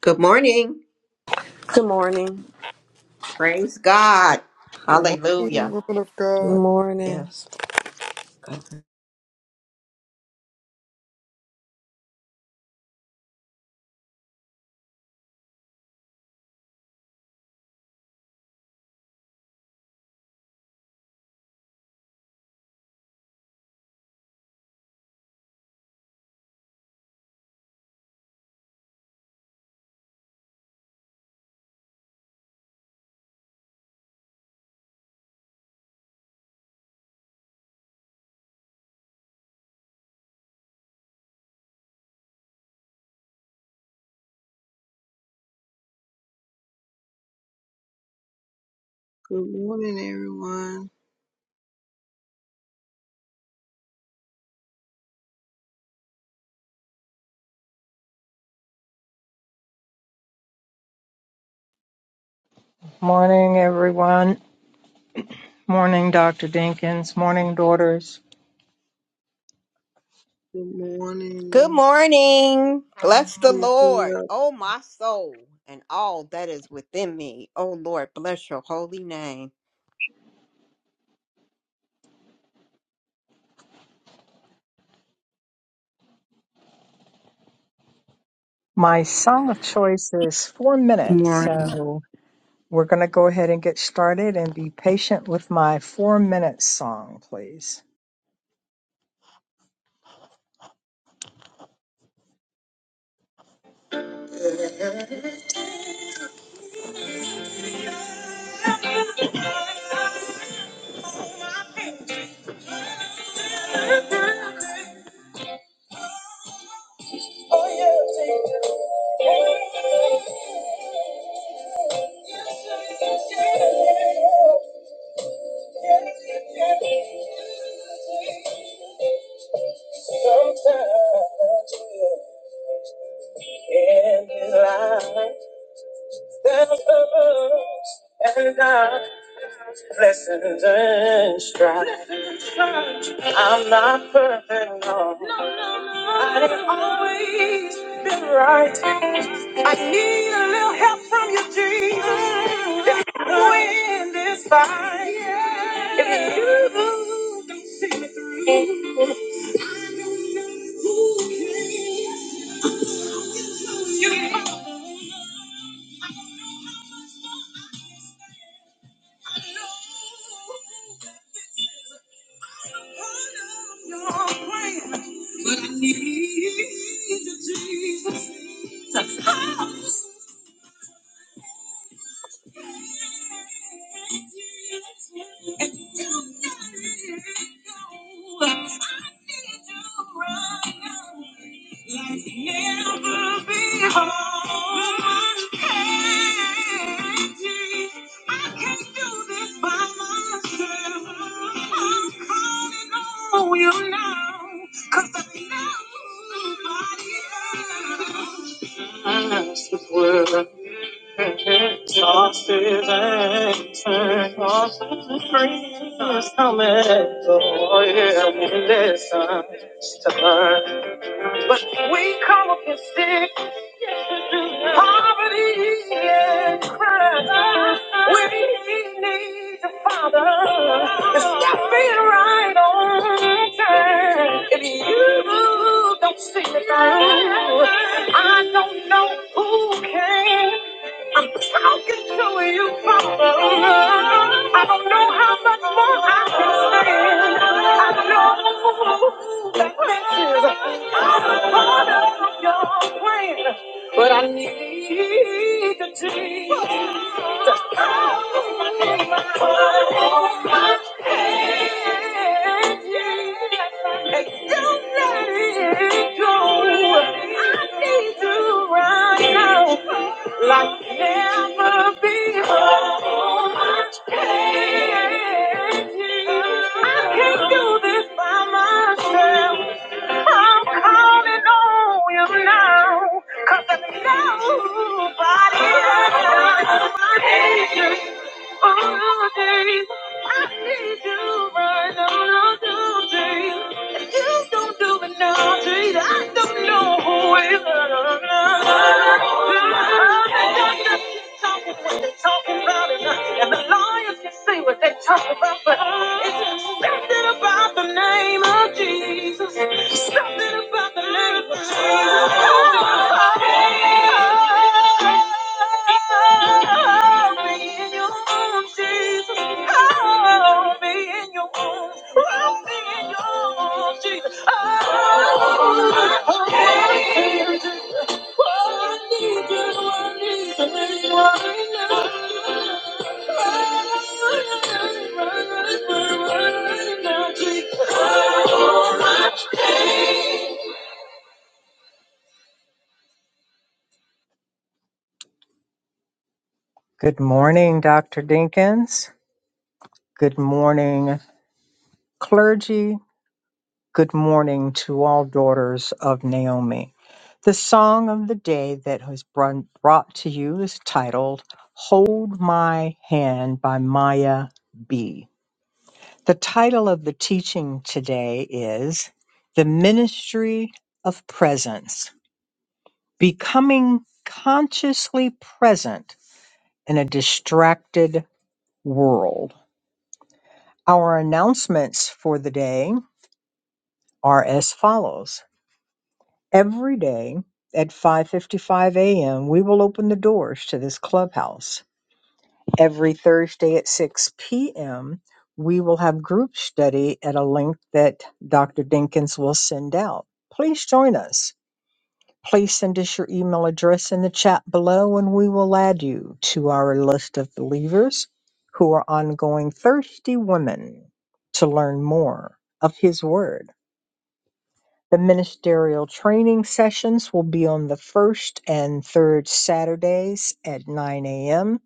Good morning. Good morning. Praise God. Good morning, Hallelujah. women of God. Good morning. Yes. Good morning, everyone. Morning, everyone. Morning, Dr. Dinkins. Morning, daughters. Good Good morning. morning. Bless the Good Lord, oh my soul, and all that is within me. Oh Lord, bless your holy name. My song of choice is four More. minutes. So we're going to go ahead and get started and be patient with my four minute song, please. Sometimes in life there's a and I Blessings and strife. I'm not perfect, no. No, no. I didn't always win this fight. If you, Cause the world. Sauces and sauces free is coming. Oh yeah, endless stir. But we come up and stick to Poverty and crime. We need the Father to step in right on time. If you don't see it through, I don't know who can. I'm broken to you, Father. I don't know how much more I can stand. I know that this is out of order from your plan, but I need you. to like never before. So much pain. I can't do this by myself. I'm calling on you now. Cause there's nobody knows my angels. All day. I need you right now, all day. If you don't do it now, Jesus, I don't know who will talking what they talking about, and, uh, and the lawyers can say what they talk about, but it's something about the name of Jesus. Something about the name of Jesus. Oh, be in your arms, Jesus. Oh, be in your arms. Oh, be in your arms, Jesus. Oh, Good morning, Dr. Dinkins. Good morning, clergy. Good morning to all daughters of Naomi. The song of the day that was brun- brought to you is titled Hold My Hand by Maya B. The title of the teaching today is The Ministry of Presence Becoming Consciously Present in a Distracted World. Our announcements for the day are as follows. Every day at 5:55 a.m., we will open the doors to this clubhouse Every Thursday at 6 p.m., we will have group study at a link that Dr. Dinkins will send out. Please join us. Please send us your email address in the chat below, and we will add you to our list of believers who are ongoing thirsty women to learn more of His Word. The ministerial training sessions will be on the first and third Saturdays at 9 a.m.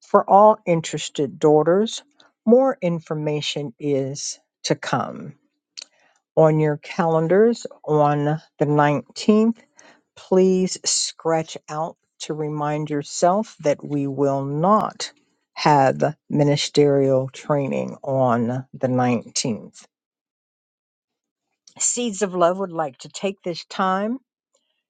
for all interested daughters. More information is to come. On your calendars on the 19th, please scratch out to remind yourself that we will not have ministerial training on the 19th. Seeds of Love would like to take this time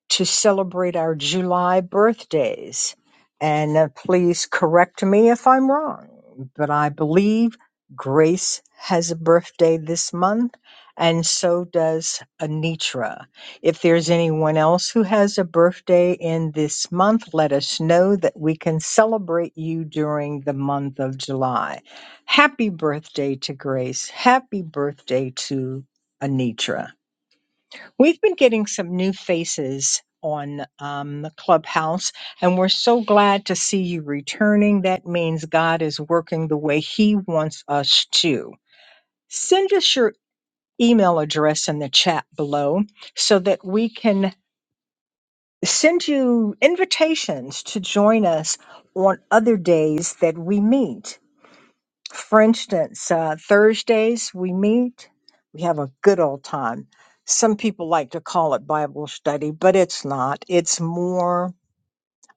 to celebrate our July birthdays. And uh, please correct me if I'm wrong, but I believe Grace has a birthday this month, and so does Anitra. If there's anyone else who has a birthday in this month, let us know that we can celebrate you during the month of July. Happy birthday to Grace. Happy birthday to Anitra. We've been getting some new faces on um, the clubhouse, and we're so glad to see you returning. That means God is working the way He wants us to. Send us your email address in the chat below so that we can send you invitations to join us on other days that we meet. For instance, uh, Thursdays we meet, we have a good old time. Some people like to call it Bible study, but it's not. It's more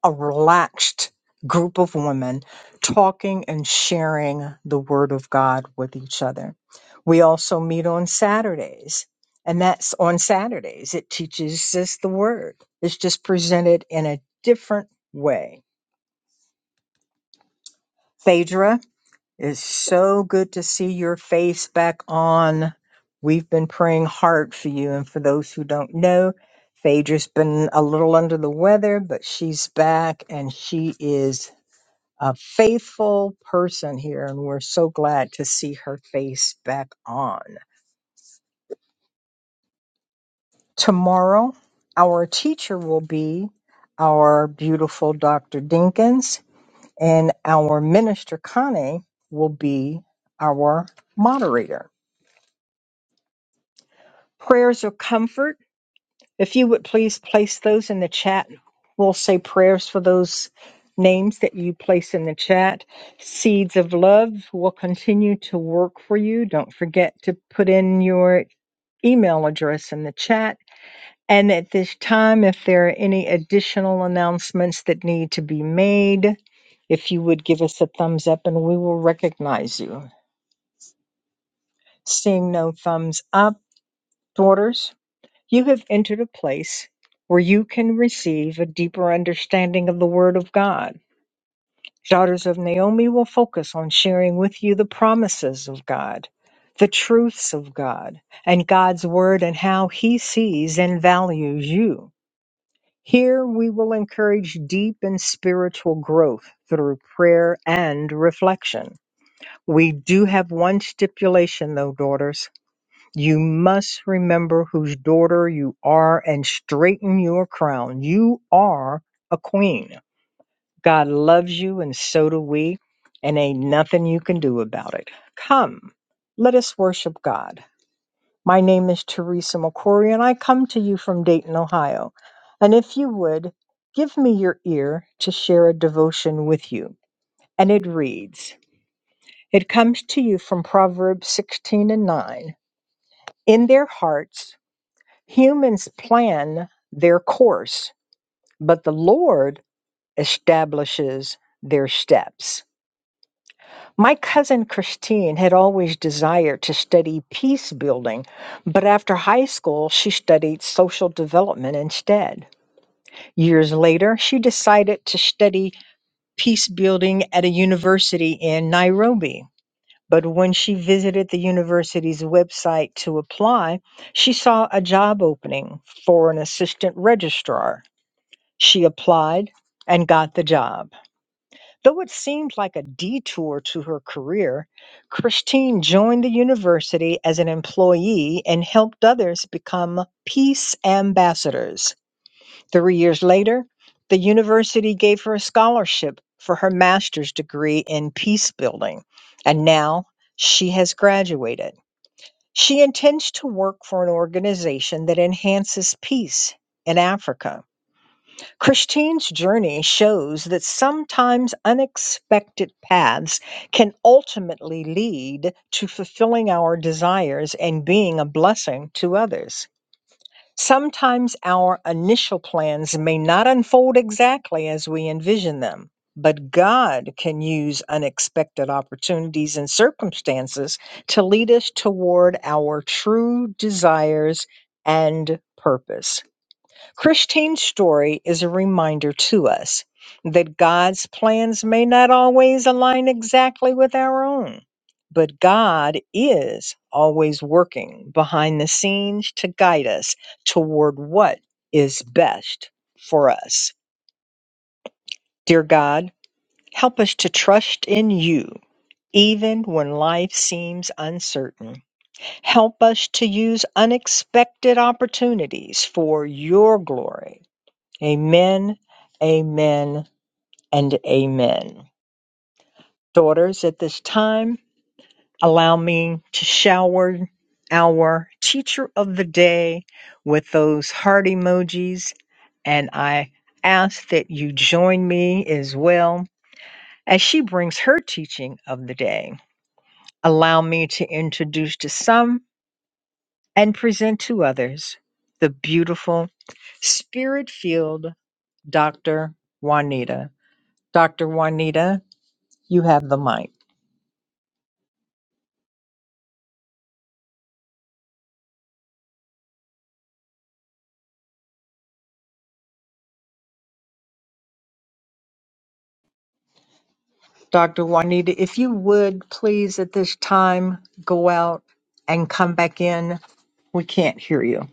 a relaxed group of women talking and sharing the Word of God with each other. We also meet on Saturdays, and that's on Saturdays. It teaches us the Word, it's just presented in a different way. Phaedra, It's so good to see your face back on. We've been praying hard for you. And for those who don't know, Phaedra's been a little under the weather, but she's back and she is a faithful person here. And we're so glad to see her face back on. Tomorrow, our teacher will be our beautiful Dr. Dinkins, and our minister, Connie, will be our moderator. prayers of comfort. If you would please place those in the chat, we'll say prayers for those names that you place in the chat. Seeds of love will continue to work for you. Don't forget to put in your email address in the chat. And at this time, if there are any additional announcements that need to be made, if you would give us a thumbs up and we will recognize you. Seeing no thumbs up, daughters. You have entered a place where you can receive a deeper understanding of the Word of God. Daughters of Naomi will focus on sharing with you the promises of God, the truths of God, and God's Word and how He sees and values you. Here we will encourage deep and spiritual growth through prayer and reflection. We do have one stipulation, though, daughters you must remember whose daughter you are and straighten your crown. You are a queen. God loves you, and so do we, and ain't nothing you can do about it. Come, let us worship God. My name is Teresa McCory, and I come to you from Dayton, Ohio. And if you would, give me your ear to share a devotion with you. And it reads It comes to you from Proverbs 16 and 9. In their hearts, Humans plan their course, but the Lord establishes their steps. My cousin Christine had always desired to study peace building, but after high school, she studied social development instead. Years later, she decided to study peace building at a university in Nairobi. But when she visited the university's website to apply, she saw a job opening for an assistant registrar. She applied and got the job. Though it seemed like a detour to her career, Christine joined the university as an employee and helped others become peace ambassadors. Three years later, the university gave her a scholarship for her master's degree in peace building, and now she has graduated. She intends to work for an organization that enhances peace in Africa. Christine's journey shows that sometimes unexpected paths can ultimately lead to fulfilling our desires and being a blessing to others. Sometimes our initial plans may not unfold exactly as we envision them, but God can use unexpected opportunities and circumstances to lead us toward our true desires and purpose. Christine's story is a reminder to us that God's plans may not always align exactly with our own, but God is always working behind the scenes to guide us toward what is best for us. Dear God, help us to trust in you. Even when life seems uncertain, help us to use unexpected opportunities for your glory Amen, amen, and amen. Daughters, at this time, allow me to shower our teacher of the day with those heart emojis, and I ask that you join me as well as she brings her teaching of the day. Allow me to introduce to some and present to others the beautiful, spirit filled Dr. Juanita. Dr. Juanita, You have the mic. Dr. Juanita, if you would please at this time go out and come back in. We can't hear you.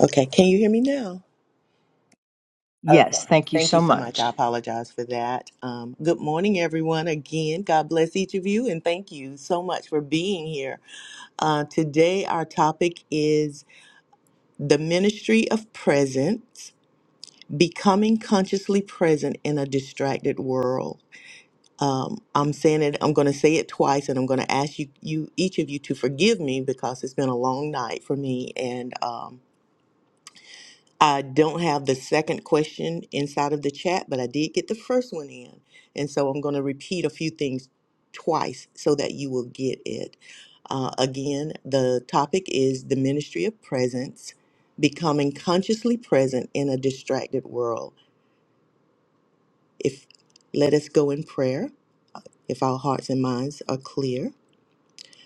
Okay, can you hear me now? Yes, Okay. thank you Thank so you so much. I much. apologize for that. Um, good morning, everyone. Again, God bless each of you, and thank you so much for being here. Uh, today, our topic is the ministry of presence, becoming consciously present in a distracted world. Um, I'm saying it. I'm going to say it twice, and I'm going to ask you, you each of you, to forgive me because it's been a long night for me, and. Um, I don't have the second question inside of the chat, but I did get the first one in. And so I'm going to repeat a few things twice so that you will get it. Uh, again, the topic is the ministry of presence, becoming consciously present in a distracted world. If let us go in prayer, if our hearts and minds are clear.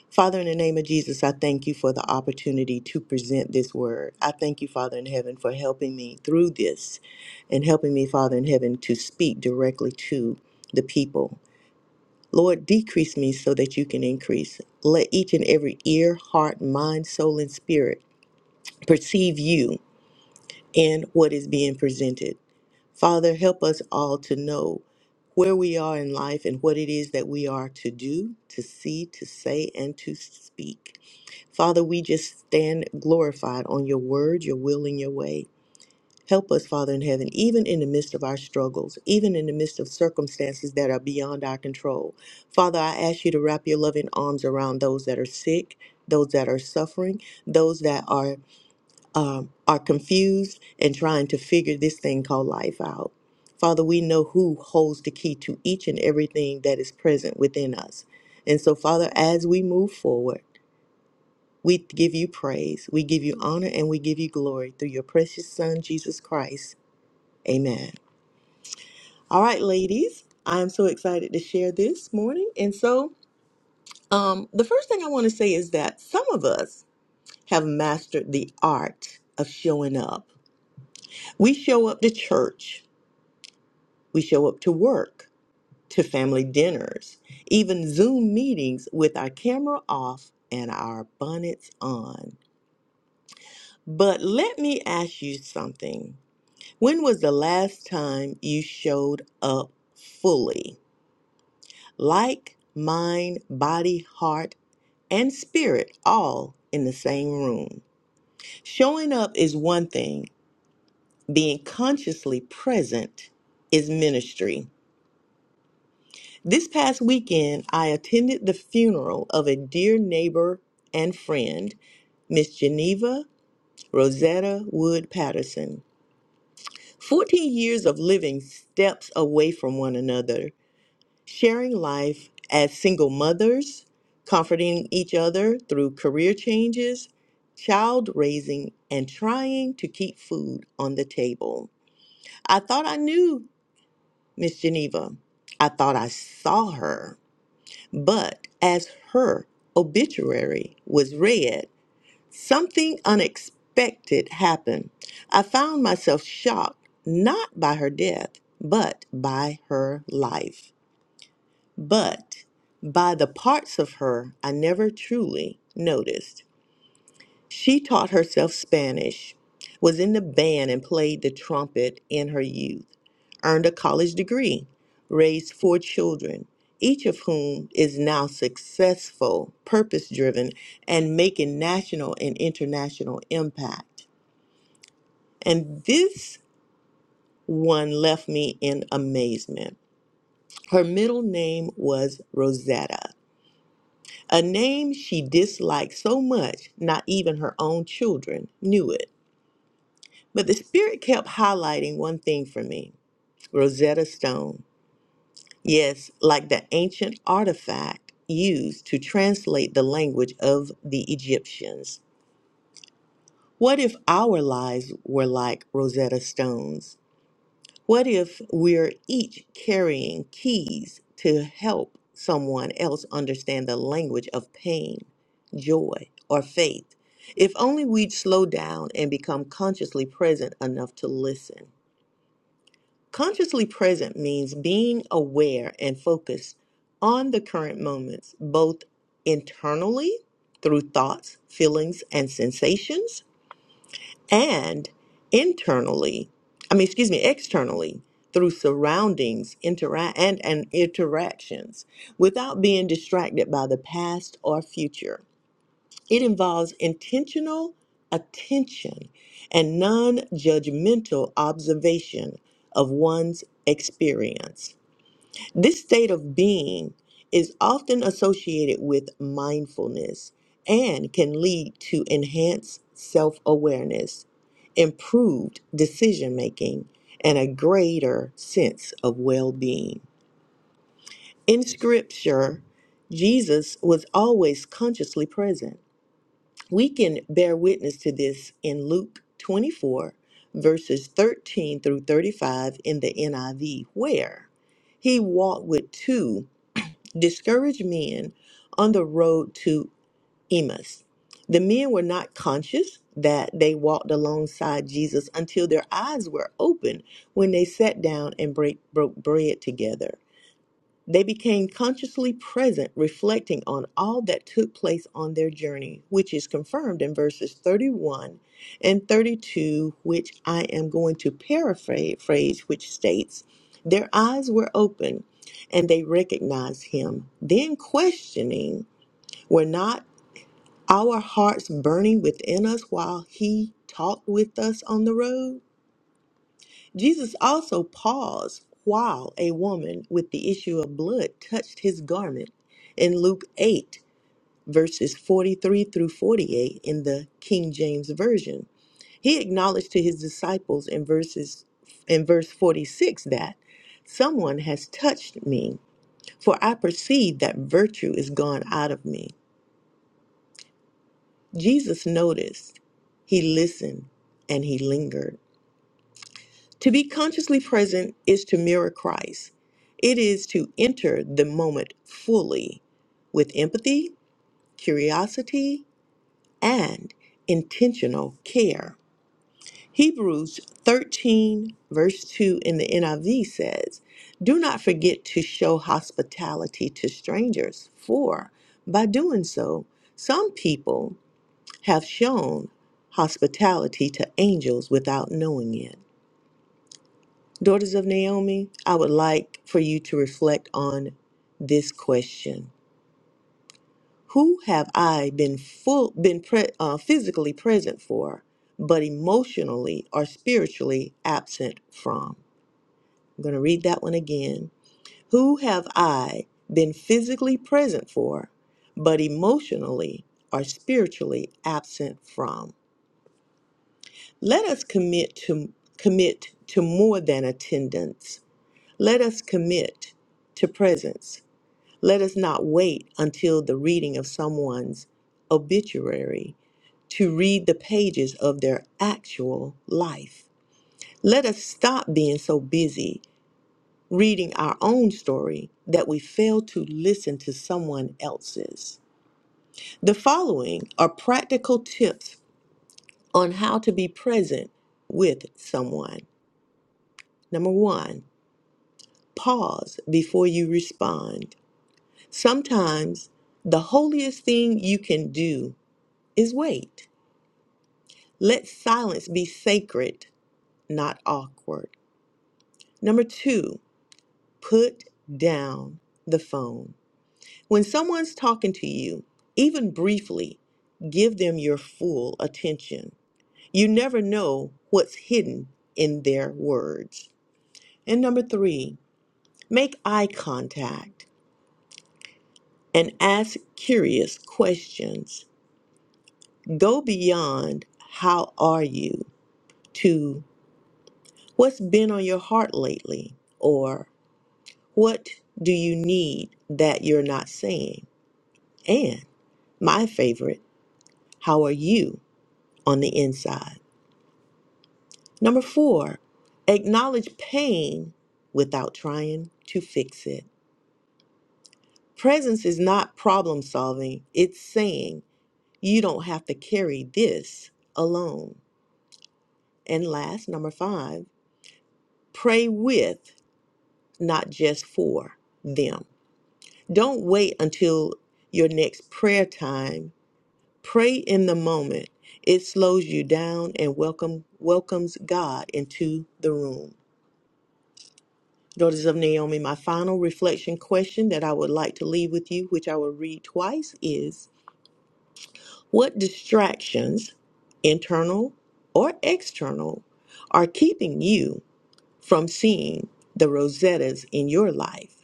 Father, in the name of Jesus, I thank you for the opportunity to present this word. I thank you, Father in heaven, for helping me through this and helping me, Father in heaven, to speak directly to the people. Lord, decrease me so that you can increase. Let each and every ear, heart, mind, soul, and spirit perceive you in what is being presented. Father, help us all to know where we are in life and what it is that we are to do, to see, to say, and to speak. Father, we just stand glorified on your word, your will, and your way. Help us, Father in heaven, even in the midst of our struggles, even in the midst of circumstances that are beyond our control. Father, I ask you to wrap your loving arms around those that are sick, those that are suffering, those that are um, are confused and trying to figure this thing called life out. Father, we know who holds the key to each and everything that is present within us. And so, Father, as we move forward, we give you praise, we give you honor, and we give you glory through your precious Son, Jesus Christ. Amen. All right, ladies, I'm so excited to share this morning. And so, um, the first thing I want to say is that some of us have mastered the art of showing up. We show up to church, we show up to work, to family dinners, even Zoom meetings with our camera off and our bonnets on. But let me ask you something. When was the last time you showed up fully? Like mind, body, heart, and spirit, all in the same room. Showing up is one thing, being consciously present is ministry. This past weekend, I attended the funeral of a dear neighbor and friend, Miss Geneva Rosetta Wood Patterson. 14 years of living steps away from one another sharing life as single mothers, comforting each other through career changes, child raising, and trying to keep food on the table. I thought I knew Miss Geneva. I thought I saw her. But as her obituary was read, something unexpected happened. I found myself shocked not by her death, but by her life. But by the parts of her I never truly noticed. She taught herself Spanish, was in the band and played the trumpet in her youth, earned a college degree, raised four children, each of whom is now successful, purpose driven, and making national and international impact. And this one left me in amazement. Her middle name was Rosetta. A name she disliked so much, not even her own children knew it. But the Spirit kept highlighting one thing for me Rosetta Stone. Yes, like the ancient artifact used to translate the language of the Egyptians. What if our lives were like Rosetta Stones? What if we're each carrying keys to help someone else understand the language of pain, joy, or faith? If only we'd slow down and become consciously present enough to listen. Consciously present means being aware and focused on the current moments, both internally through thoughts, feelings, and sensations and internally i mean excuse me externally through surroundings interact and, and interactions without being distracted by the past or future it involves intentional attention and non-judgmental observation of one's experience this state of being is often associated with mindfulness and can lead to enhanced self awareness, improved decision making, and a greater sense of well being. In Scripture, Jesus was always consciously present. We can bear witness to this in Luke 24, verses 13 through 35 in the NIV, where he walked with two discourage men on the road to Emmaus. The men were not conscious that they walked alongside Jesus until their eyes were opened when they sat down and break, broke bread together. They became consciously present, reflecting on all that took place on their journey, which is confirmed in verses 31 and 32, which I am going to paraphrase, which states, Their eyes were open and they recognized him. Then, questioning, were not our hearts burning within us while he talked with us on the road? Jesus also paused while a woman with the issue of blood touched his garment in Luke 8, verses 43 through 48 in the King James Version. He acknowledged to his disciples in verses in verse 46 that someone has touched me, for I perceive that virtue is gone out of me. Jesus noticed, he listened, and he lingered. To be consciously present is to mirror Christ. It is to enter the moment fully with empathy, curiosity, and intentional care. Hebrews 13, verse 2 in the NIV says, Do not forget to show hospitality to strangers, for by doing so, some people have shown hospitality to angels without knowing it. Daughters of Naomi, I would like for you to reflect on this question. Who have I been full been pre, uh, physically present for but emotionally or spiritually absent from? I'm going to read that one again. Who have I been physically present for but emotionally or spiritually absent from? Let us commit to commit to more than attendance Let us commit to presence. Let us not wait until the reading of someone's obituary to read the pages of their actual life. Let us stop being so busy reading our own story that we fail to listen to someone else's. The following are practical tips on how to be present with someone. Number one, pause before you respond. Sometimes the holiest thing you can do is wait. Let silence be sacred, not awkward. Number two, put down the phone. When someone's talking to you, even briefly, give them your full attention. You never know what's hidden in their words. And number three, make eye contact and ask curious questions. Go beyond how are you to what's been on your heart lately or what do you need that you're not saying? And my favorite, how are you on the inside? Number four, acknowledge pain without trying to fix it. Presence is not problem solving, it's saying you don't have to carry this alone. And last, number five, pray with not just for them. Don't wait until your next prayer time. Pray in the moment. It slows you down and welcome welcomes God into the room. Daughters of Naomi, my final reflection question that I would like to leave with you, which I will read twice, is what distractions, internal or external, are keeping you from seeing the Rosettas in your life?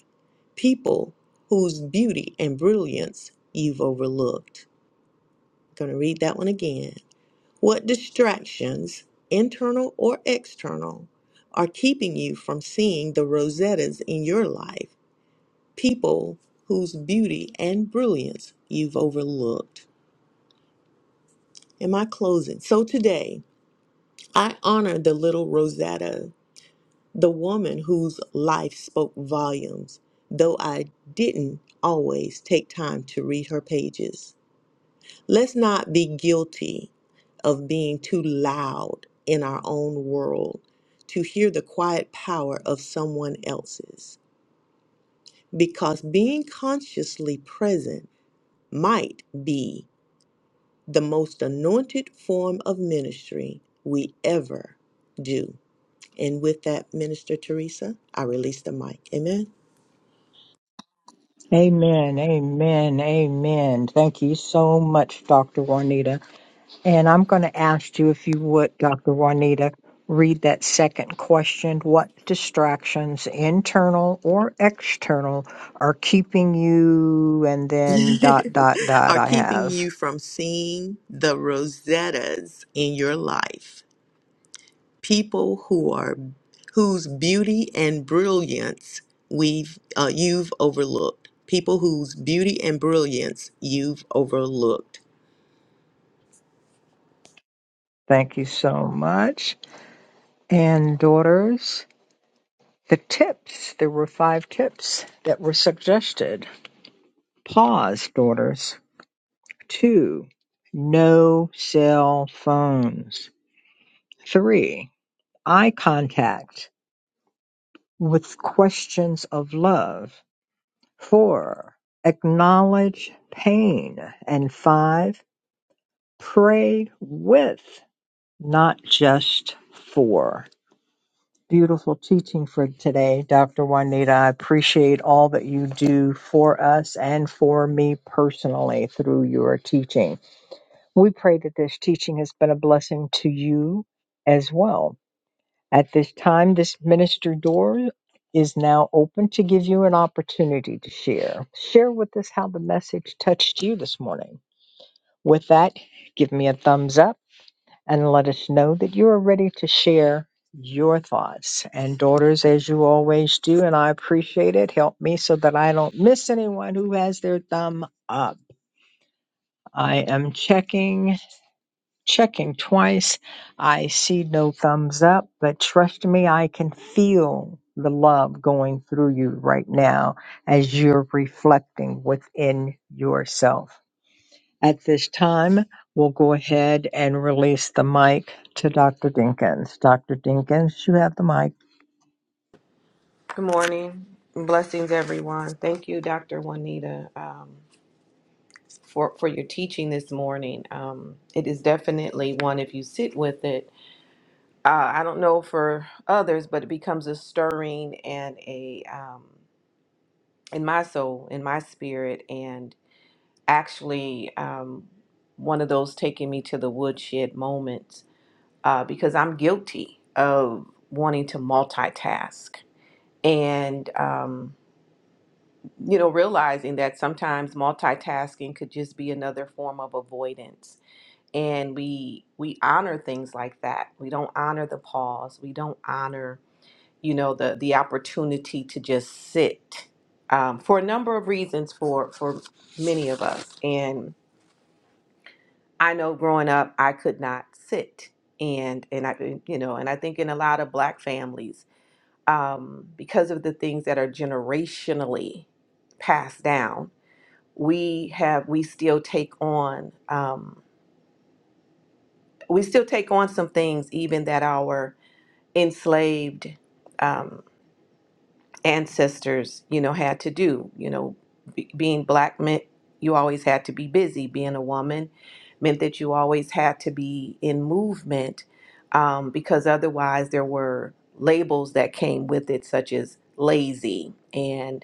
people whose beauty and brilliance you've overlooked. I'm going to read that one again. What distractions, internal or external, are keeping you from seeing the Rosettas in your life? People whose beauty and brilliance you've overlooked. Am I closing? So today, I honor the little Rosetta, the woman whose life spoke volumes, though I didn't always take time to read her pages. Let's not be guilty of being too loud in our own world to hear the quiet power of someone else's, because being consciously present might be the most anointed form of ministry we ever do. And with that, Minister Teresa, I release the mic. Amen. Amen, amen, amen. Thank you so much, Dr. Juanita. And I'm going to ask you if you would, Dr. Juanita, read that second question. What distractions, internal or external, are keeping you? And then dot, dot, dot, Are I keeping have. you from seeing the Rosettas in your life. people who are whose beauty and brilliance we've uh, you've overlooked people whose beauty and brilliance you've overlooked Thank you so much. and daughters. The tips, there were five tips that were suggested. Pause, daughters. Two, no cell phones. Three, eye contact with questions of love. Four, acknowledge pain. And five, pray with, not just for. Beautiful teaching for today, Dr. Juanita. I appreciate all that you do for us and for me personally through your teaching. We pray that this teaching has been a blessing to you as well. At this time, this ministry door is now open to give you an opportunity to share. Share with us how the message touched you this morning. With that, give me a thumbs up and let us know that you are ready to share your thoughts. And daughters, as you always do, and I appreciate it, help me so that I don't miss anyone who has their thumb up. I am checking, checking twice. I see no thumbs up, but trust me, I can feel the love going through you right now as you're reflecting within yourself. At this time, we'll go ahead and release the mic to Dr. Dinkins. Dr. Dinkins, you have the mic. Good morning. Blessings, everyone. Thank you, Dr. Juanita, um, for, for your teaching this morning. Um, it is definitely one, if you sit with it, uh, I don't know for others, but it becomes a stirring and a, um, in my soul, in my spirit, and actually um, one of those taking me to the woodshed moments uh, because I'm guilty of wanting to multitask and um, you know realizing that sometimes multitasking could just be another form of avoidance and we we honor things like that we don't honor the pause we don't honor you know the the opportunity to just sit um, for a number of reasons for for many of us and i know growing up i could not sit and and i you know and i think in a lot of black families um, because of the things that are generationally passed down, we have we still take on um, we still take on some things even that our enslaved um, ancestors you know had to do. You know, be, being black meant you always had to be busy. Being a woman meant that you always had to be in movement um, because otherwise there were labels that came with it, such as lazy and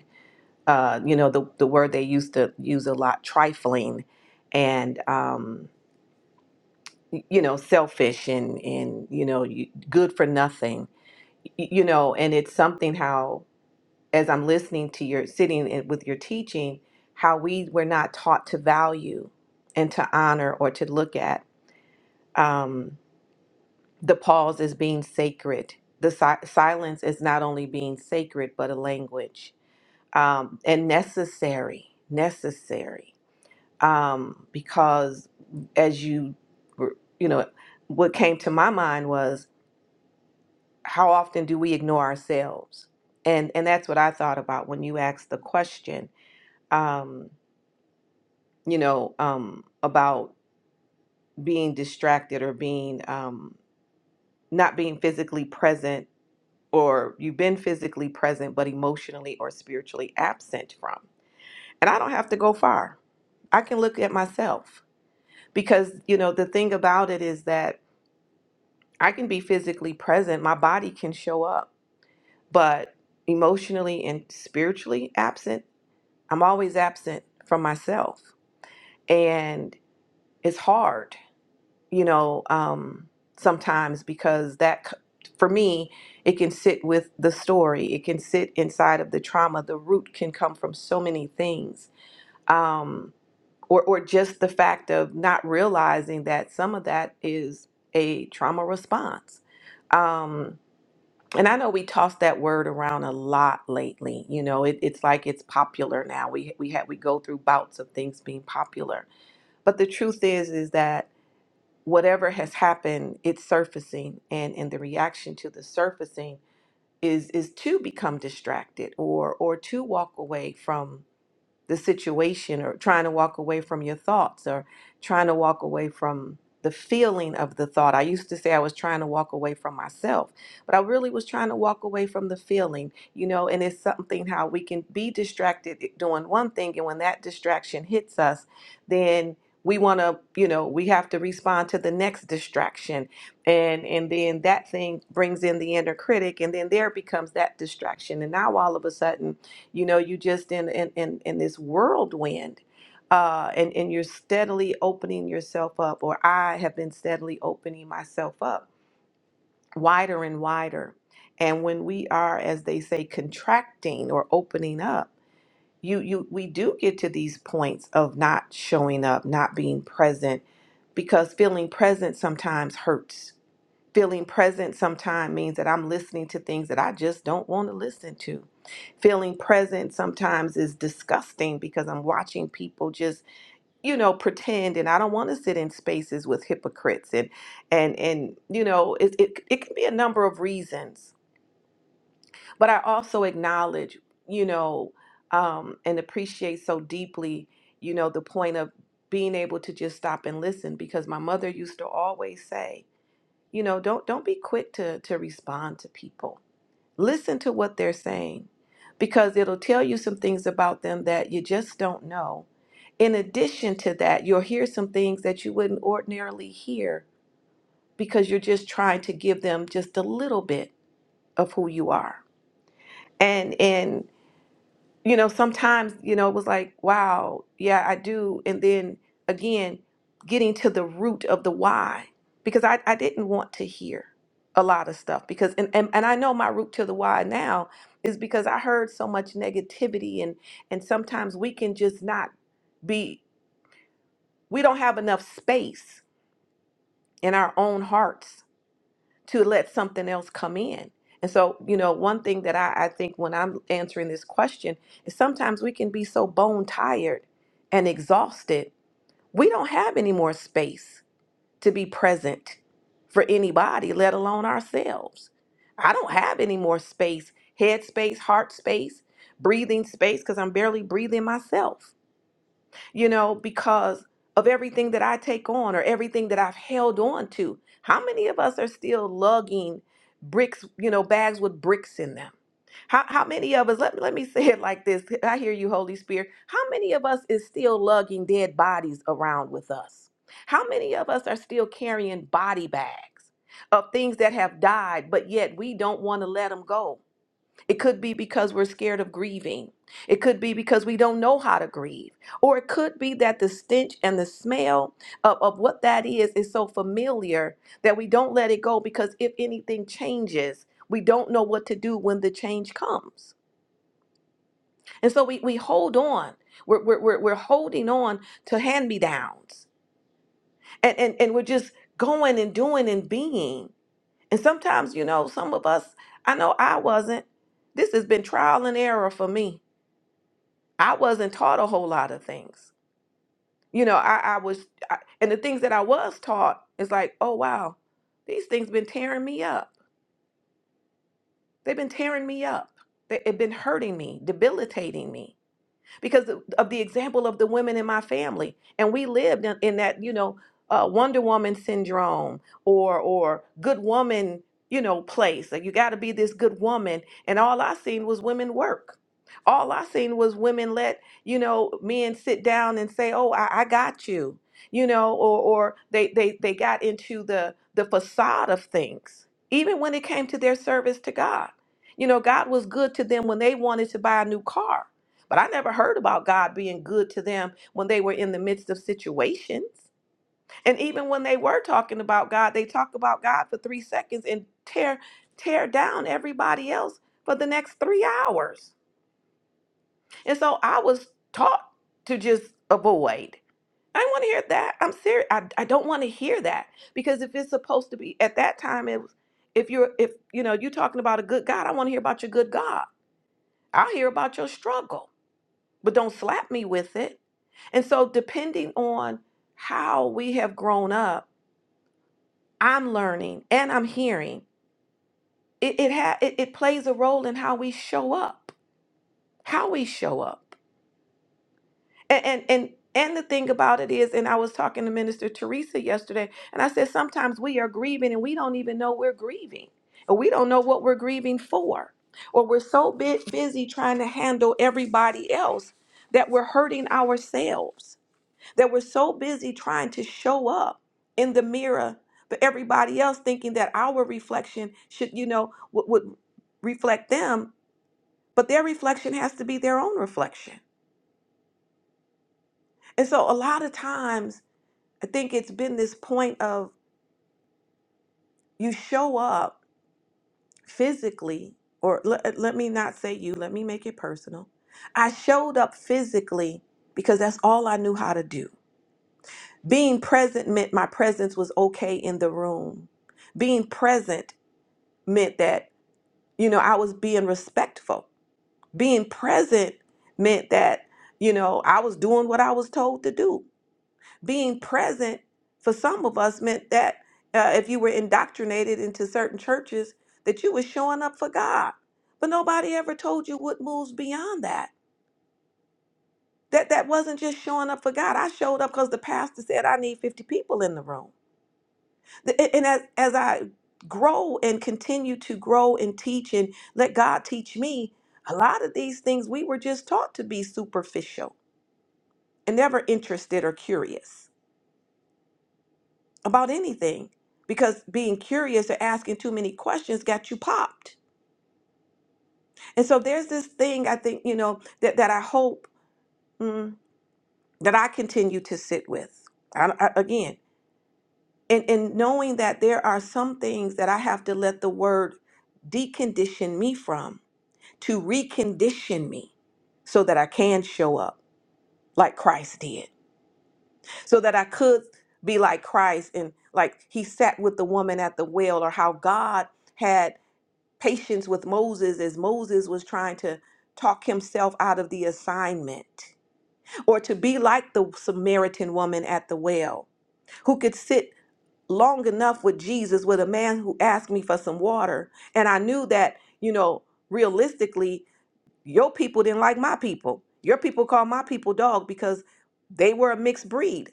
uh, you know, the, the word they used to use a lot, trifling and, um, y- you know, selfish and, and, you know, you, good for nothing, Y- you know, and it's something how, as I'm listening to your sitting in- with your teaching, how we were not taught to value and to honor or to look at um, the pause as being sacred. The si- silence is not only being sacred, but a language um, and necessary, necessary. um, because as you were, you know, what came to my mind was how often do we ignore ourselves? And and that's what I thought about when you asked the question, um, you know, um, about being distracted or being um, not being physically present, or you've been physically present but emotionally or spiritually absent from. And I don't have to go far. I can look at myself because you know the thing about it is that I can be physically present, my body can show up, but emotionally and spiritually absent, I'm always absent from myself. And it's hard, you know, um, sometimes because that, c- for me, it can sit with the story, it can sit inside of the trauma. The root can come from so many things. Um, or, or just the fact of not realizing that some of that is a trauma response. Um, and I know we toss that word around a lot lately. You know, it, it's like it's popular now. We we had we go through bouts of things being popular, but the truth is is that whatever has happened, it's surfacing, and and the reaction to the surfacing is is to become distracted or or to walk away from the situation or trying to walk away from your thoughts or trying to walk away from the feeling of the thought. I used to say I was trying to walk away from myself, but I really was trying to walk away from the feeling, you know, and it's something how we can be distracted eh, doing one thing and when that distraction hits us, then we want to, you know, we have to respond to the next distraction and and then that thing brings in the inner critic and then there becomes that distraction and now all of a sudden you know you just in in in, in this whirlwind uh, and and you're steadily opening yourself up or i have been steadily opening myself up wider and wider and when we are as they say contracting or opening up you you we do get to these points of not showing up not being present because feeling present sometimes hurts Feeling present sometimes means that I'm listening to things that I just don't want to listen to. Feeling present sometimes is disgusting because I'm watching people just, you know, pretend and I don't want to sit in spaces with hypocrites and and and you know, it it, it can be a number of reasons. But I also acknowledge, you know, um and appreciate so deeply, you know, the point of being able to just stop and listen because my mother used to always say, you know, don't don't be quick to to respond to people. Listen to what they're saying because it'll tell you some things about them that you just don't know. In addition to that, you'll hear some things that you wouldn't ordinarily hear because you're just trying to give them just a little bit of who you are. And and you know, sometimes, you know, it was like, wow, yeah, I do. And then again, getting to the root of the why, because I, I didn't want to hear a lot of stuff because, and, and, and I know my root to the why now is because I heard so much negativity and, and sometimes we can just not be, we don't have enough space in our own hearts to let something else come in. And so, you know, one thing that I, I think when I'm answering this question is sometimes we can be so bone tired and exhausted, we don't have any more space to be present for anybody, let alone ourselves. I don't have any more space, head space, heart space, breathing space, because I'm barely breathing myself you know, because of everything that I take on or everything that I've held on to. How many of us are still lugging bricks, you know, bags with bricks in them? How, how many of us, let, let me say it like this. I hear you, Holy Spirit. How many of us is still lugging dead bodies around with us? How many of us are still carrying body bags of things that have died, but yet we don't want to let them go? It could be because we're scared of grieving. It could be because we don't know how to grieve. Or it could be that the stench and the smell of, of what that is is so familiar that we don't let it go because if anything changes, we don't know what to do when the change comes. And so we, we hold on. We're, we're, we're, we're holding on to hand me downs. And, and, and we're just going and doing and being. And sometimes, you know, some of us, I know I wasn't. This has been trial and error for me I wasn't taught a whole lot of things. You know, I, I was, I, and the things that I was taught is like, oh wow, these things been tearing me up. They've been tearing me up. They, it been hurting me, debilitating me because of the example of the women in my family. And we lived in, in that, you know, uh, Wonder Woman syndrome or or good woman, you know, place. Like you got to be this good woman. And all I seen was women work. All I seen was women let you know men sit down and say, "Oh, I, I got you," you know, or or they they they got into the the facade of things, even when it came to their service to God. You know, God was good to them when they wanted to buy a new car but I never heard about God being good to them when they were in the midst of situations. And even when they were talking about God, they talked about God for three seconds and tear tear down everybody else for the next three hours. And so I was taught to just avoid. I didn't want to hear that. I'm serious. I, I don't want to hear that because if it's supposed to be at that time, it was if you're if you know you're talking about a good God, I want to hear about your good God. I'll hear about your struggle, but don't slap me with it And so, depending on how we have grown up, I'm learning and I'm hearing. It it, ha- it it plays a role in how we show up, how we show up, and and and and the thing about it is, and I was talking to Minister Teresa yesterday, and I said sometimes we are grieving and we don't even know we're grieving, and we don't know what we're grieving for, or we're so bit busy trying to handle everybody else that we're hurting ourselves that we're so busy trying to show up in the mirror for everybody else thinking that our reflection should you know would, would reflect them but their reflection has to be their own reflection and so a lot of times i think it's been this point of you show up physically or let, let me not say you let me make it personal i showed up physically because that's all i knew how to do being present meant my presence was okay in the room being present meant that you know I was being respectful. Being present meant that you know I was doing what I was told to do. Being present for some of us meant that uh, if you were indoctrinated into certain churches, that you were showing up for God. But nobody ever told you what moves beyond that. That that wasn't just showing up for God. I showed up because the pastor said I need 50 people in the room. A- and as, as i grow and continue to grow and teach and let god teach me a lot of these things we were just taught to be superficial and never interested or curious about anything because being curious or asking too many questions got you popped and so there's this thing i think you know that, that i hope mm, that i continue to sit with I, I- again and, and knowing that there are some things that i have to let the word decondition me from to recondition me so that I can show up like Christ did, so that I could be like Christ and like he sat with the woman at the well, or how God had patience with Moses as Moses was trying to talk himself out of the assignment, or to be like the Samaritan woman at the well who could sit long enough with Jesus with a man who asked me for some water. And I knew that, you know, realistically, Your people didn't like my people. Your people called my people dog because they were a mixed breed.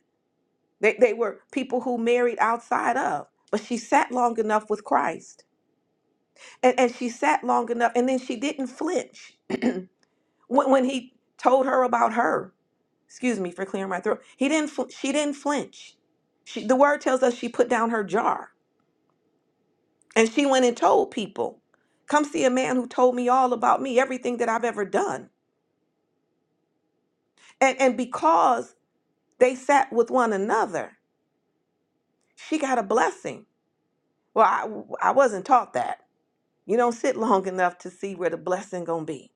They, they were people who married outside of. But she sat long enough with Christ. And, and she sat long enough, and then she didn't flinch when, when he told her about her. Excuse me for clearing my throat. He didn't. Fl- she didn't flinch. She, the word tells us she put down her jar and she went and told people, "Come see a man who told me all about me, everything that I've ever done." And and because They sat with one another. She got a blessing. Well, I, I wasn't taught that. You don't sit long enough to see where the blessing gonna be.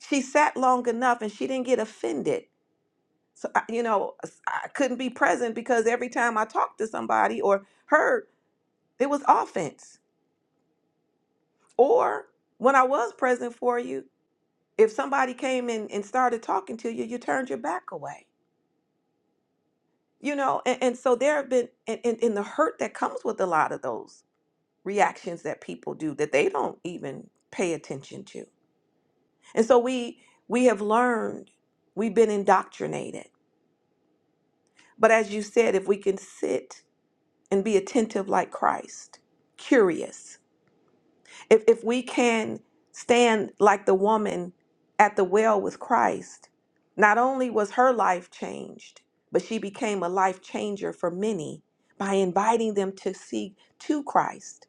She sat long enough and she didn't get offended. So I, you know, I couldn't be present because every time I talked to somebody or heard, it was offense. Or when I was present for you, if somebody came in and started talking to you, you turned your back away. You know, and, and so there have been, and, and, and the hurt that comes with a lot of those. reactions that people do that they don't even pay attention to. And so we we have learned, we've been indoctrinated. But as you said, if we can sit and be attentive like Christ, curious, if, if we can stand like the woman at the well with Christ, not only was her life changed, but she became a life changer for many by inviting them to see to Christ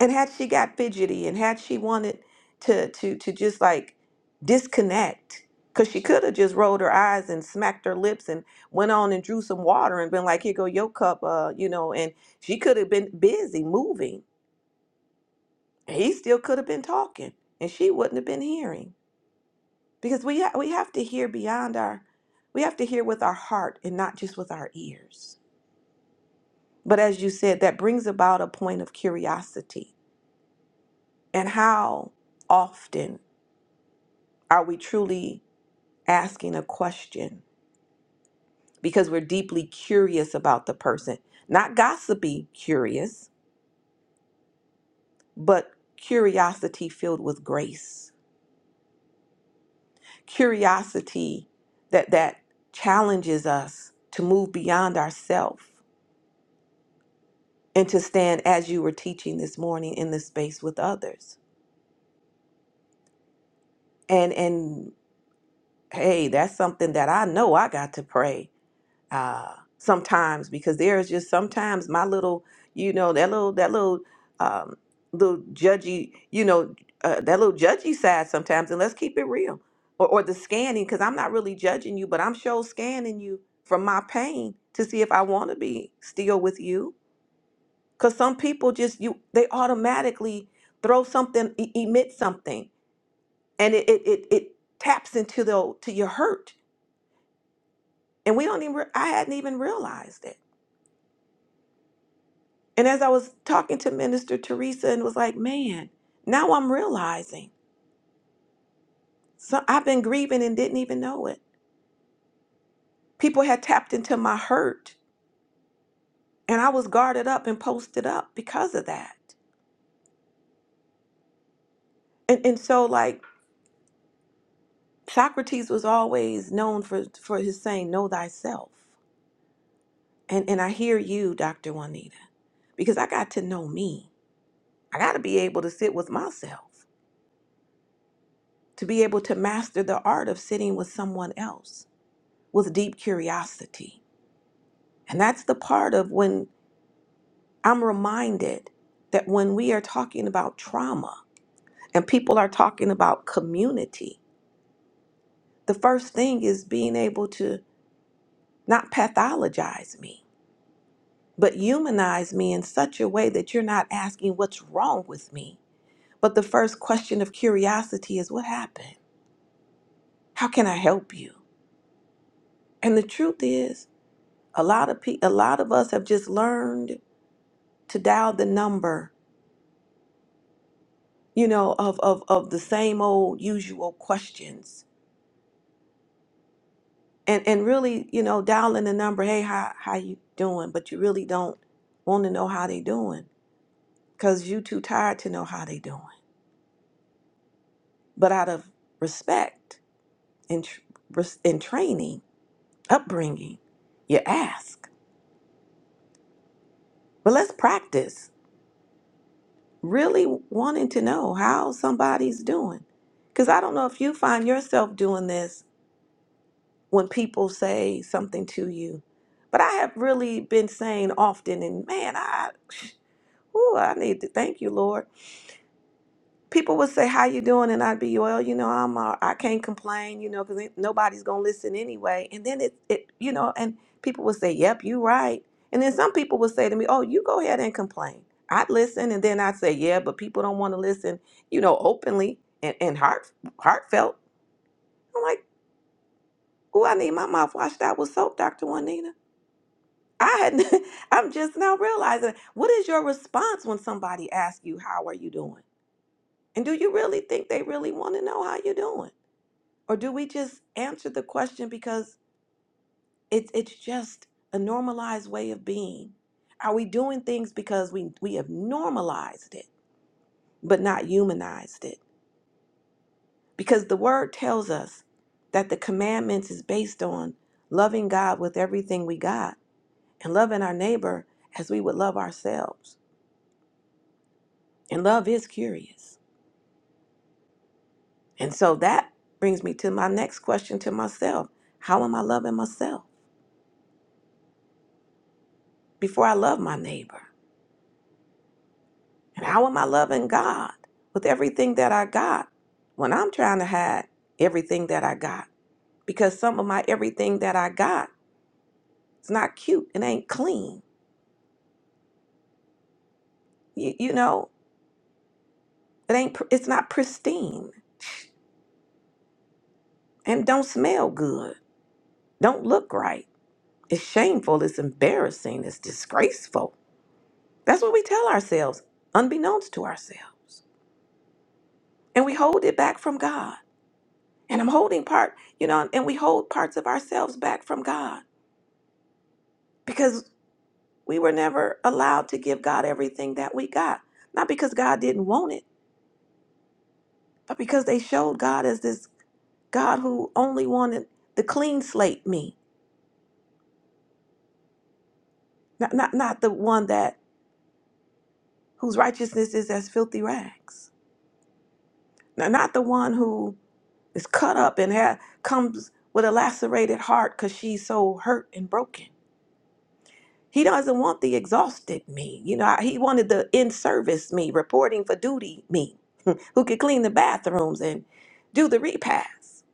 and had she got fidgety and had she wanted to to to just like disconnect because she could have just rolled her eyes and smacked her lips and went on and drew some water and been like here go your cup uh you know and she could have been busy moving and he still could have been talking and she wouldn't have been hearing because we ha- we have to hear beyond our we have to hear with our heart and not just with our ears but as you said that brings about a point of curiosity and how often Are we truly asking a question because we're deeply curious about the person? Not gossipy curious, but curiosity filled with grace. Curiosity that that challenges us to move beyond ourselves and to stand as you were teaching this morning in this space with others. And and hey, that's something that I know I got to pray uh, sometimes because there is just sometimes my little, you know, that little that little um, little judgy, you know, uh, that little judgy side sometimes. And let's keep it real, or, or the scanning because I'm not really judging you, but I'm sure scanning you from my pain to see if I want to be still with you. Because some people just you they automatically throw something, e- emit something, and it it it, it taps into the to your hurt, and we don't even re- I hadn't even realized it And as I was talking to Minister Teresa and was like, man, now I'm realizing so I've been grieving and didn't even know it. People had tapped into my hurt and I was guarded up and posted up because of that. And and so like Socrates was always known for, for his saying, know thyself. And and I hear you, Dr. Juanita, because I got to know me. I gotta be able to sit with myself, to be able to master the art of sitting with someone else with deep curiosity And that's the part of when I'm reminded that when we are talking about trauma and people are talking about community, the first thing is being able to not pathologize me, but humanize me in such a way that you're not asking what's wrong with me. But the first question of curiosity is what happened? How can I help you? And the truth is, a lot of pe- a lot of us have just learned to dial the number you know, of of of the same old usual questions. And and really, you know, dialing the number, hey, how how you doing? But you really don't want to know how they doing because you too tired to know how they doing. But out of respect and tr- res- and training, upbringing, you ask. But let's practice really wanting to know how somebody's doing, because I don't know if you find yourself doing this when people say something to you. But I have really been saying often, and man, I, ooh, I need to thank you, Lord. People would say, "How you doing?" And I'd be, "Well, you know, I'm, uh, I can't complain, you know, because nobody's gonna listen anyway." And then it, it, you know, and people would say, "Yep, you right." And then some people would say to me, "Oh, you go ahead and complain." I'd listen, and then I'd say, "Yeah, but people don't want to listen," you know, openly and, and heart, heartfelt. I'm like, "Ooh, I need my mouth washed out with soap, Doctor Juanita." I had, I'm just now realizing what is your response when somebody asks you, How are you doing? And do you really think they really want to know how you're doing? Or do we just answer the question because it's it's just a normalized way of being? Are we doing things because we, we have normalized it, but not humanized it? Because the word tells us that the commandments is based on loving God with everything we got and loving our neighbor as we would love ourselves. And love is curious. And so that brings me to my next question to myself How am I loving myself before I love my neighbor? And how am I loving God with everything that I got when I'm trying to hide everything that I got? Because some of my everything that I got, it's not cute. It ain't clean. You, you know, it ain't. pr- It's not pristine, and don't smell good. Don't look right. It's shameful. It's embarrassing. It's disgraceful. That's what we tell ourselves, unbeknownst to ourselves. And we hold it back from God. And I'm holding part, you know, and we hold parts of ourselves back from God because we were never allowed to give God everything that we got. Not because God didn't want it, but because they showed God as this God who only wanted the clean slate me, not, not, not the one that whose righteousness is as filthy rags, not, not the one who is cut up and ha- comes with a lacerated heart because she's so hurt and broken. He doesn't want the exhausted me. You know, he wanted the in service me, reporting for duty me, who could clean the bathrooms and do the repast.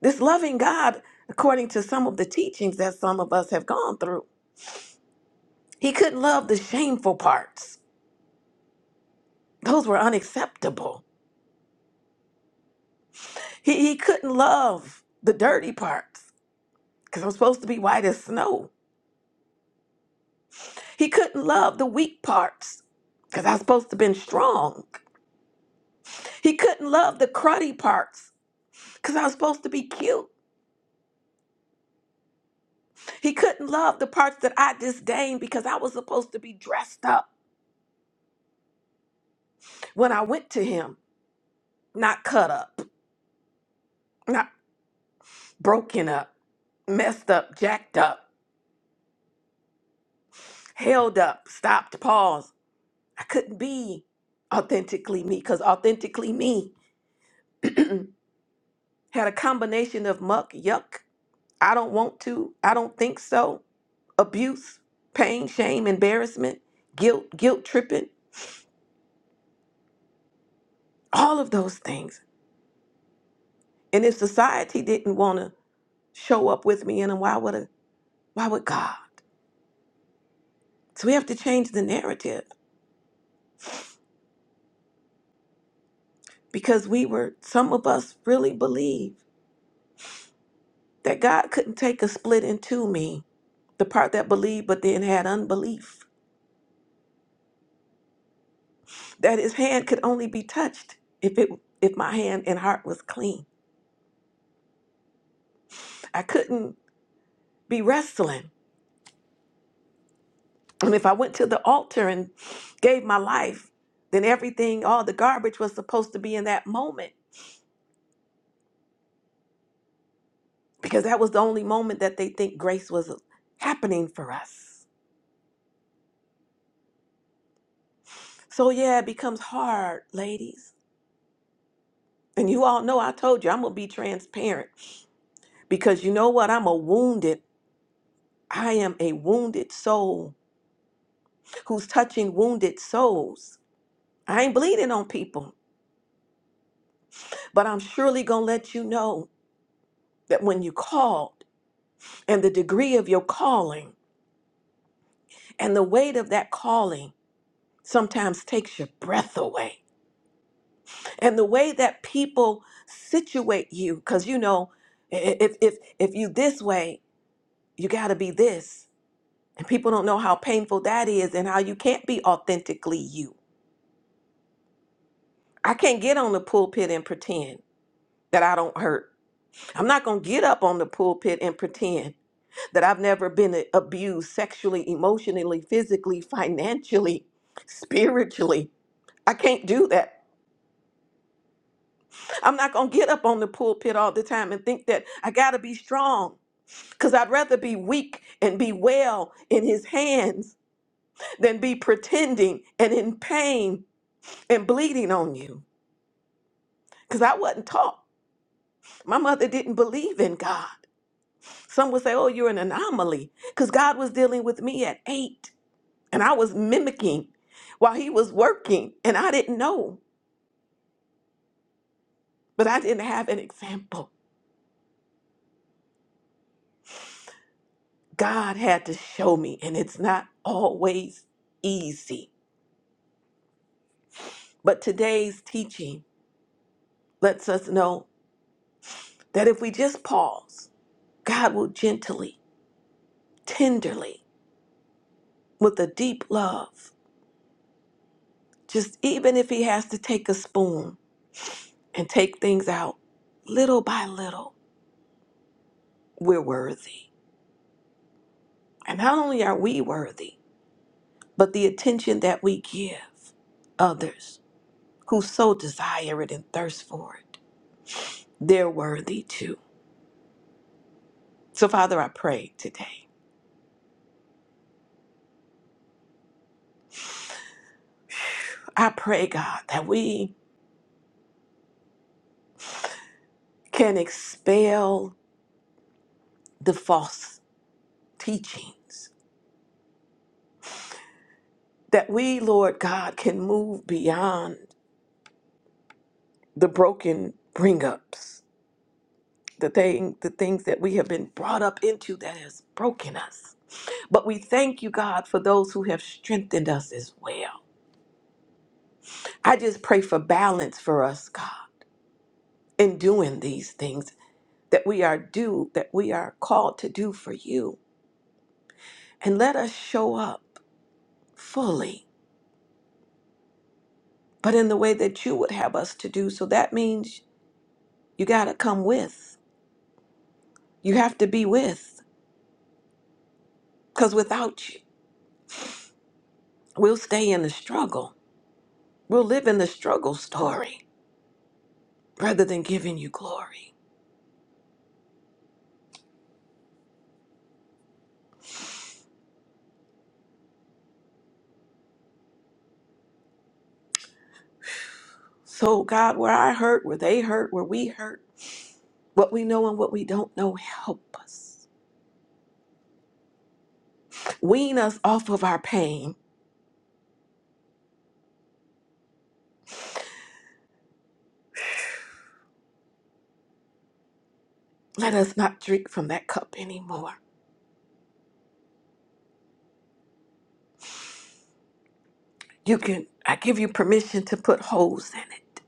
This loving God, according to some of the teachings that some of us have gone through, he couldn't love the shameful parts. Those were unacceptable. He, he couldn't love the dirty parts because I'm supposed to be white as snow. He couldn't love the weak parts because I was supposed to have been strong. He couldn't love the cruddy parts because I was supposed to be cute. He couldn't love the parts that I disdained because I was supposed to be dressed up when I went to him, not cut up, not broken up, messed up, jacked up, held up, stopped, paused. I couldn't be authentically me because authentically me had a combination of muck, yuck, I don't want to. I don't think so. Abuse, pain, shame, embarrassment, guilt, guilt tripping, all of those things. And if society didn't want to show up with me in them, why would a, why would God? So we have to change the narrative because we were some of us really believe that God couldn't take a split into me, the part that believed but then had unbelief, that his hand could only be touched if it if my hand and heart was clean. I couldn't be wrestling And if I went to the altar and gave my life, then everything, all the garbage was supposed to be in that moment because that was the only moment that they think grace was happening for us. So, yeah, it becomes hard, ladies. And you all know I told you I'm going to be transparent because you know what? I'm a wounded, I am a wounded soul who's touching wounded souls. I ain't bleeding on people, but I'm surely going to let you know that when you called and the degree of your calling, And the weight of that calling sometimes takes your breath away. And the way that people situate you, because you know, i- if if if you this way, you gotta be this. And people don't know how painful that is and how you can't be authentically you. I can't get on the pulpit and pretend that I don't hurt. I'm not gonna get up on the pulpit and pretend that I've never been a- abused sexually, emotionally, physically, financially, spiritually. I can't do that I'm not going to get up on the pulpit all the time and think that I got to be strong because I'd rather be weak and be well in his hands than be pretending and in pain and bleeding on you because I wasn't taught. My mother didn't believe in God. Some would say, Oh, you're an anomaly because God was dealing with me at eight and I was mimicking while he was working and I didn't know, but I didn't have an example. God had to show me, and it's not always easy. But today's teaching lets us know that if we just pause, God will gently, tenderly, with a deep love, just even if He has to take a spoon and take things out little by little, we're worthy. And not only are we worthy, but the attention that we give others who so desire it and thirst for it, they're worthy too. So, Father, I pray today. I pray, God, that we can expel the false teachings. That we, Lord God, can move beyond the broken bring ups, the thing, the things that we have been brought up into that has broken us. But we thank you, God, for those who have strengthened us as well. I just pray for balance for us, God, in doing these things that we are due, that we are called to do for you. And let us show up fully, but in the way that you would have us to do. So that means you got to come with. you have to be with because without you we'll stay in the struggle we'll live in the struggle story rather than giving you glory so god where i hurt where they hurt where we hurt what we know and what we don't know help us wean us off of our pain let us not drink from that cup anymore you can i give you permission to put holes in it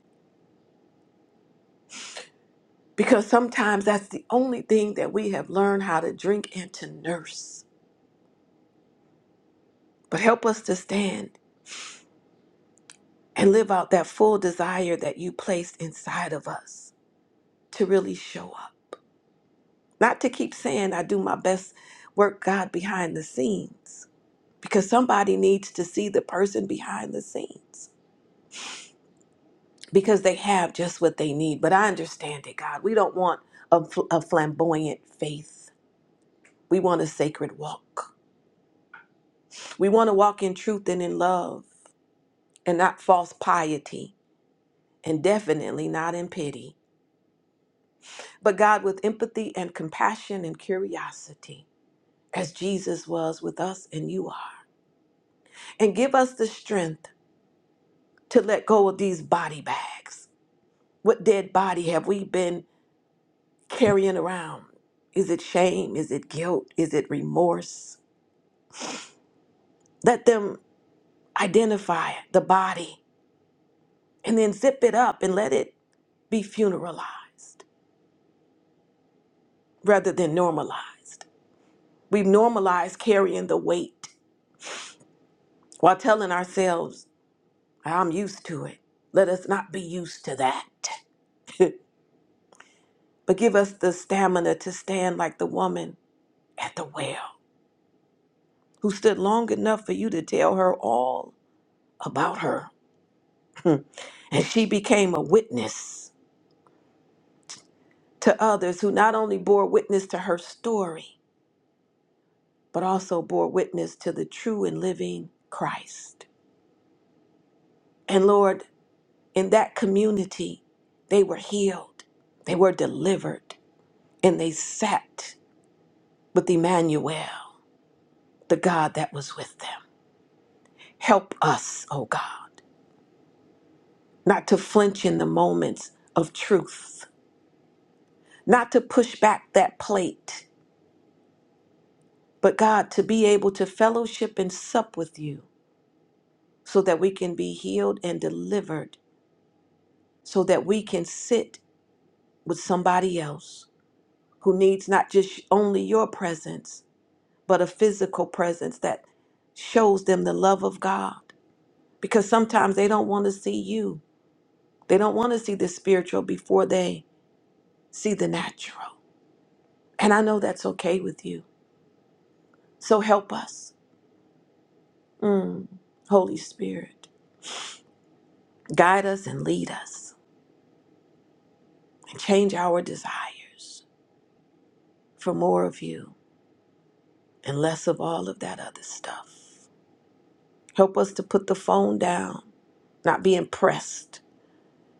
because sometimes that's the only thing that we have learned how to drink and to nurse but help us to stand and live out that full desire that you placed inside of us to really show up. Not to keep saying, I do my best work, God, behind the scenes, because somebody needs to see the person behind the scenes because they have just what they need. But I understand it, God. We don't want a, fl- a flamboyant faith, we want a sacred walk. We want to walk in truth and in love and not false piety, and definitely not in pity. but God, with empathy and compassion and curiosity, as Jesus was with us and you are. And give us the strength to let go of these body bags. What dead body have we been carrying around? Is it shame? Is it guilt? Is it remorse? Let them identify the body and then zip it up and let it be funeralized rather than normalized. We've normalized carrying the weight while telling ourselves I'm used to it. Let us not be used to that. but give us the stamina to stand like the woman at the well who stood long enough for you to tell her all about her. and she became a witness to others who not only bore witness to her story, but also bore witness to the true and living Christ. And Lord, in that community, they were healed, they were delivered, and they sat with Emmanuel. the God that was with them. Help us, oh God, not to flinch in the moments of truth, not to push back that plate, but God, to be able to fellowship and sup with you so that we can be healed and delivered, so that we can sit with somebody else who needs not just only your presence, but a physical presence that shows them the love of God. Because sometimes they don't want to see you. They don't want to see the spiritual before they see the natural. And I know that's okay with you. So help us. Mm. Holy Spirit, guide us and lead us and change our desires for more of you and less of all of that other stuff. Help us to put the phone down, not be impressed.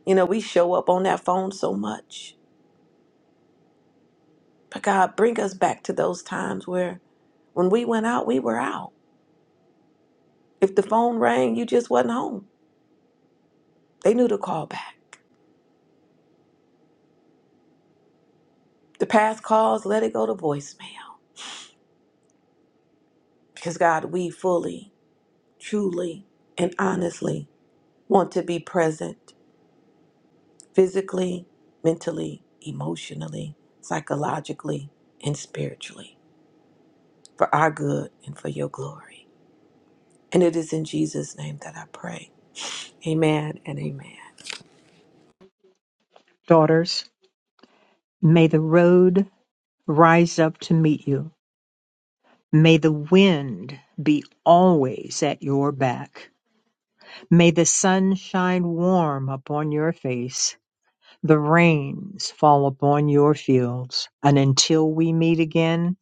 You know, we show up on that phone so much. But God, bring us back to those times where when we went out, we were out. If the phone rang, you just wasn't home. They knew to call back. The past calls, let it go to voicemail. Because, God, we fully, truly, and honestly want to be present physically, mentally, emotionally, psychologically, and spiritually for our good and for your glory. And it is in Jesus' name that I pray. Amen and amen. Daughters, may the road rise up to meet you. May the wind be always at your back. May the sun shine warm upon your face, the rains fall upon your fields. And until we meet again,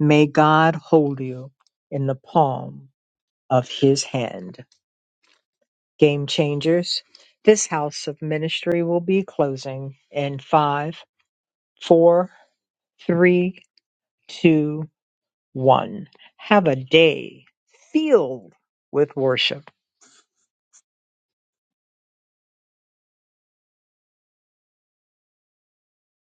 may God hold you in the palm of his hand. Game changers, this house of ministry will be closing in five, four, three, two, one. Have a day filled with worship.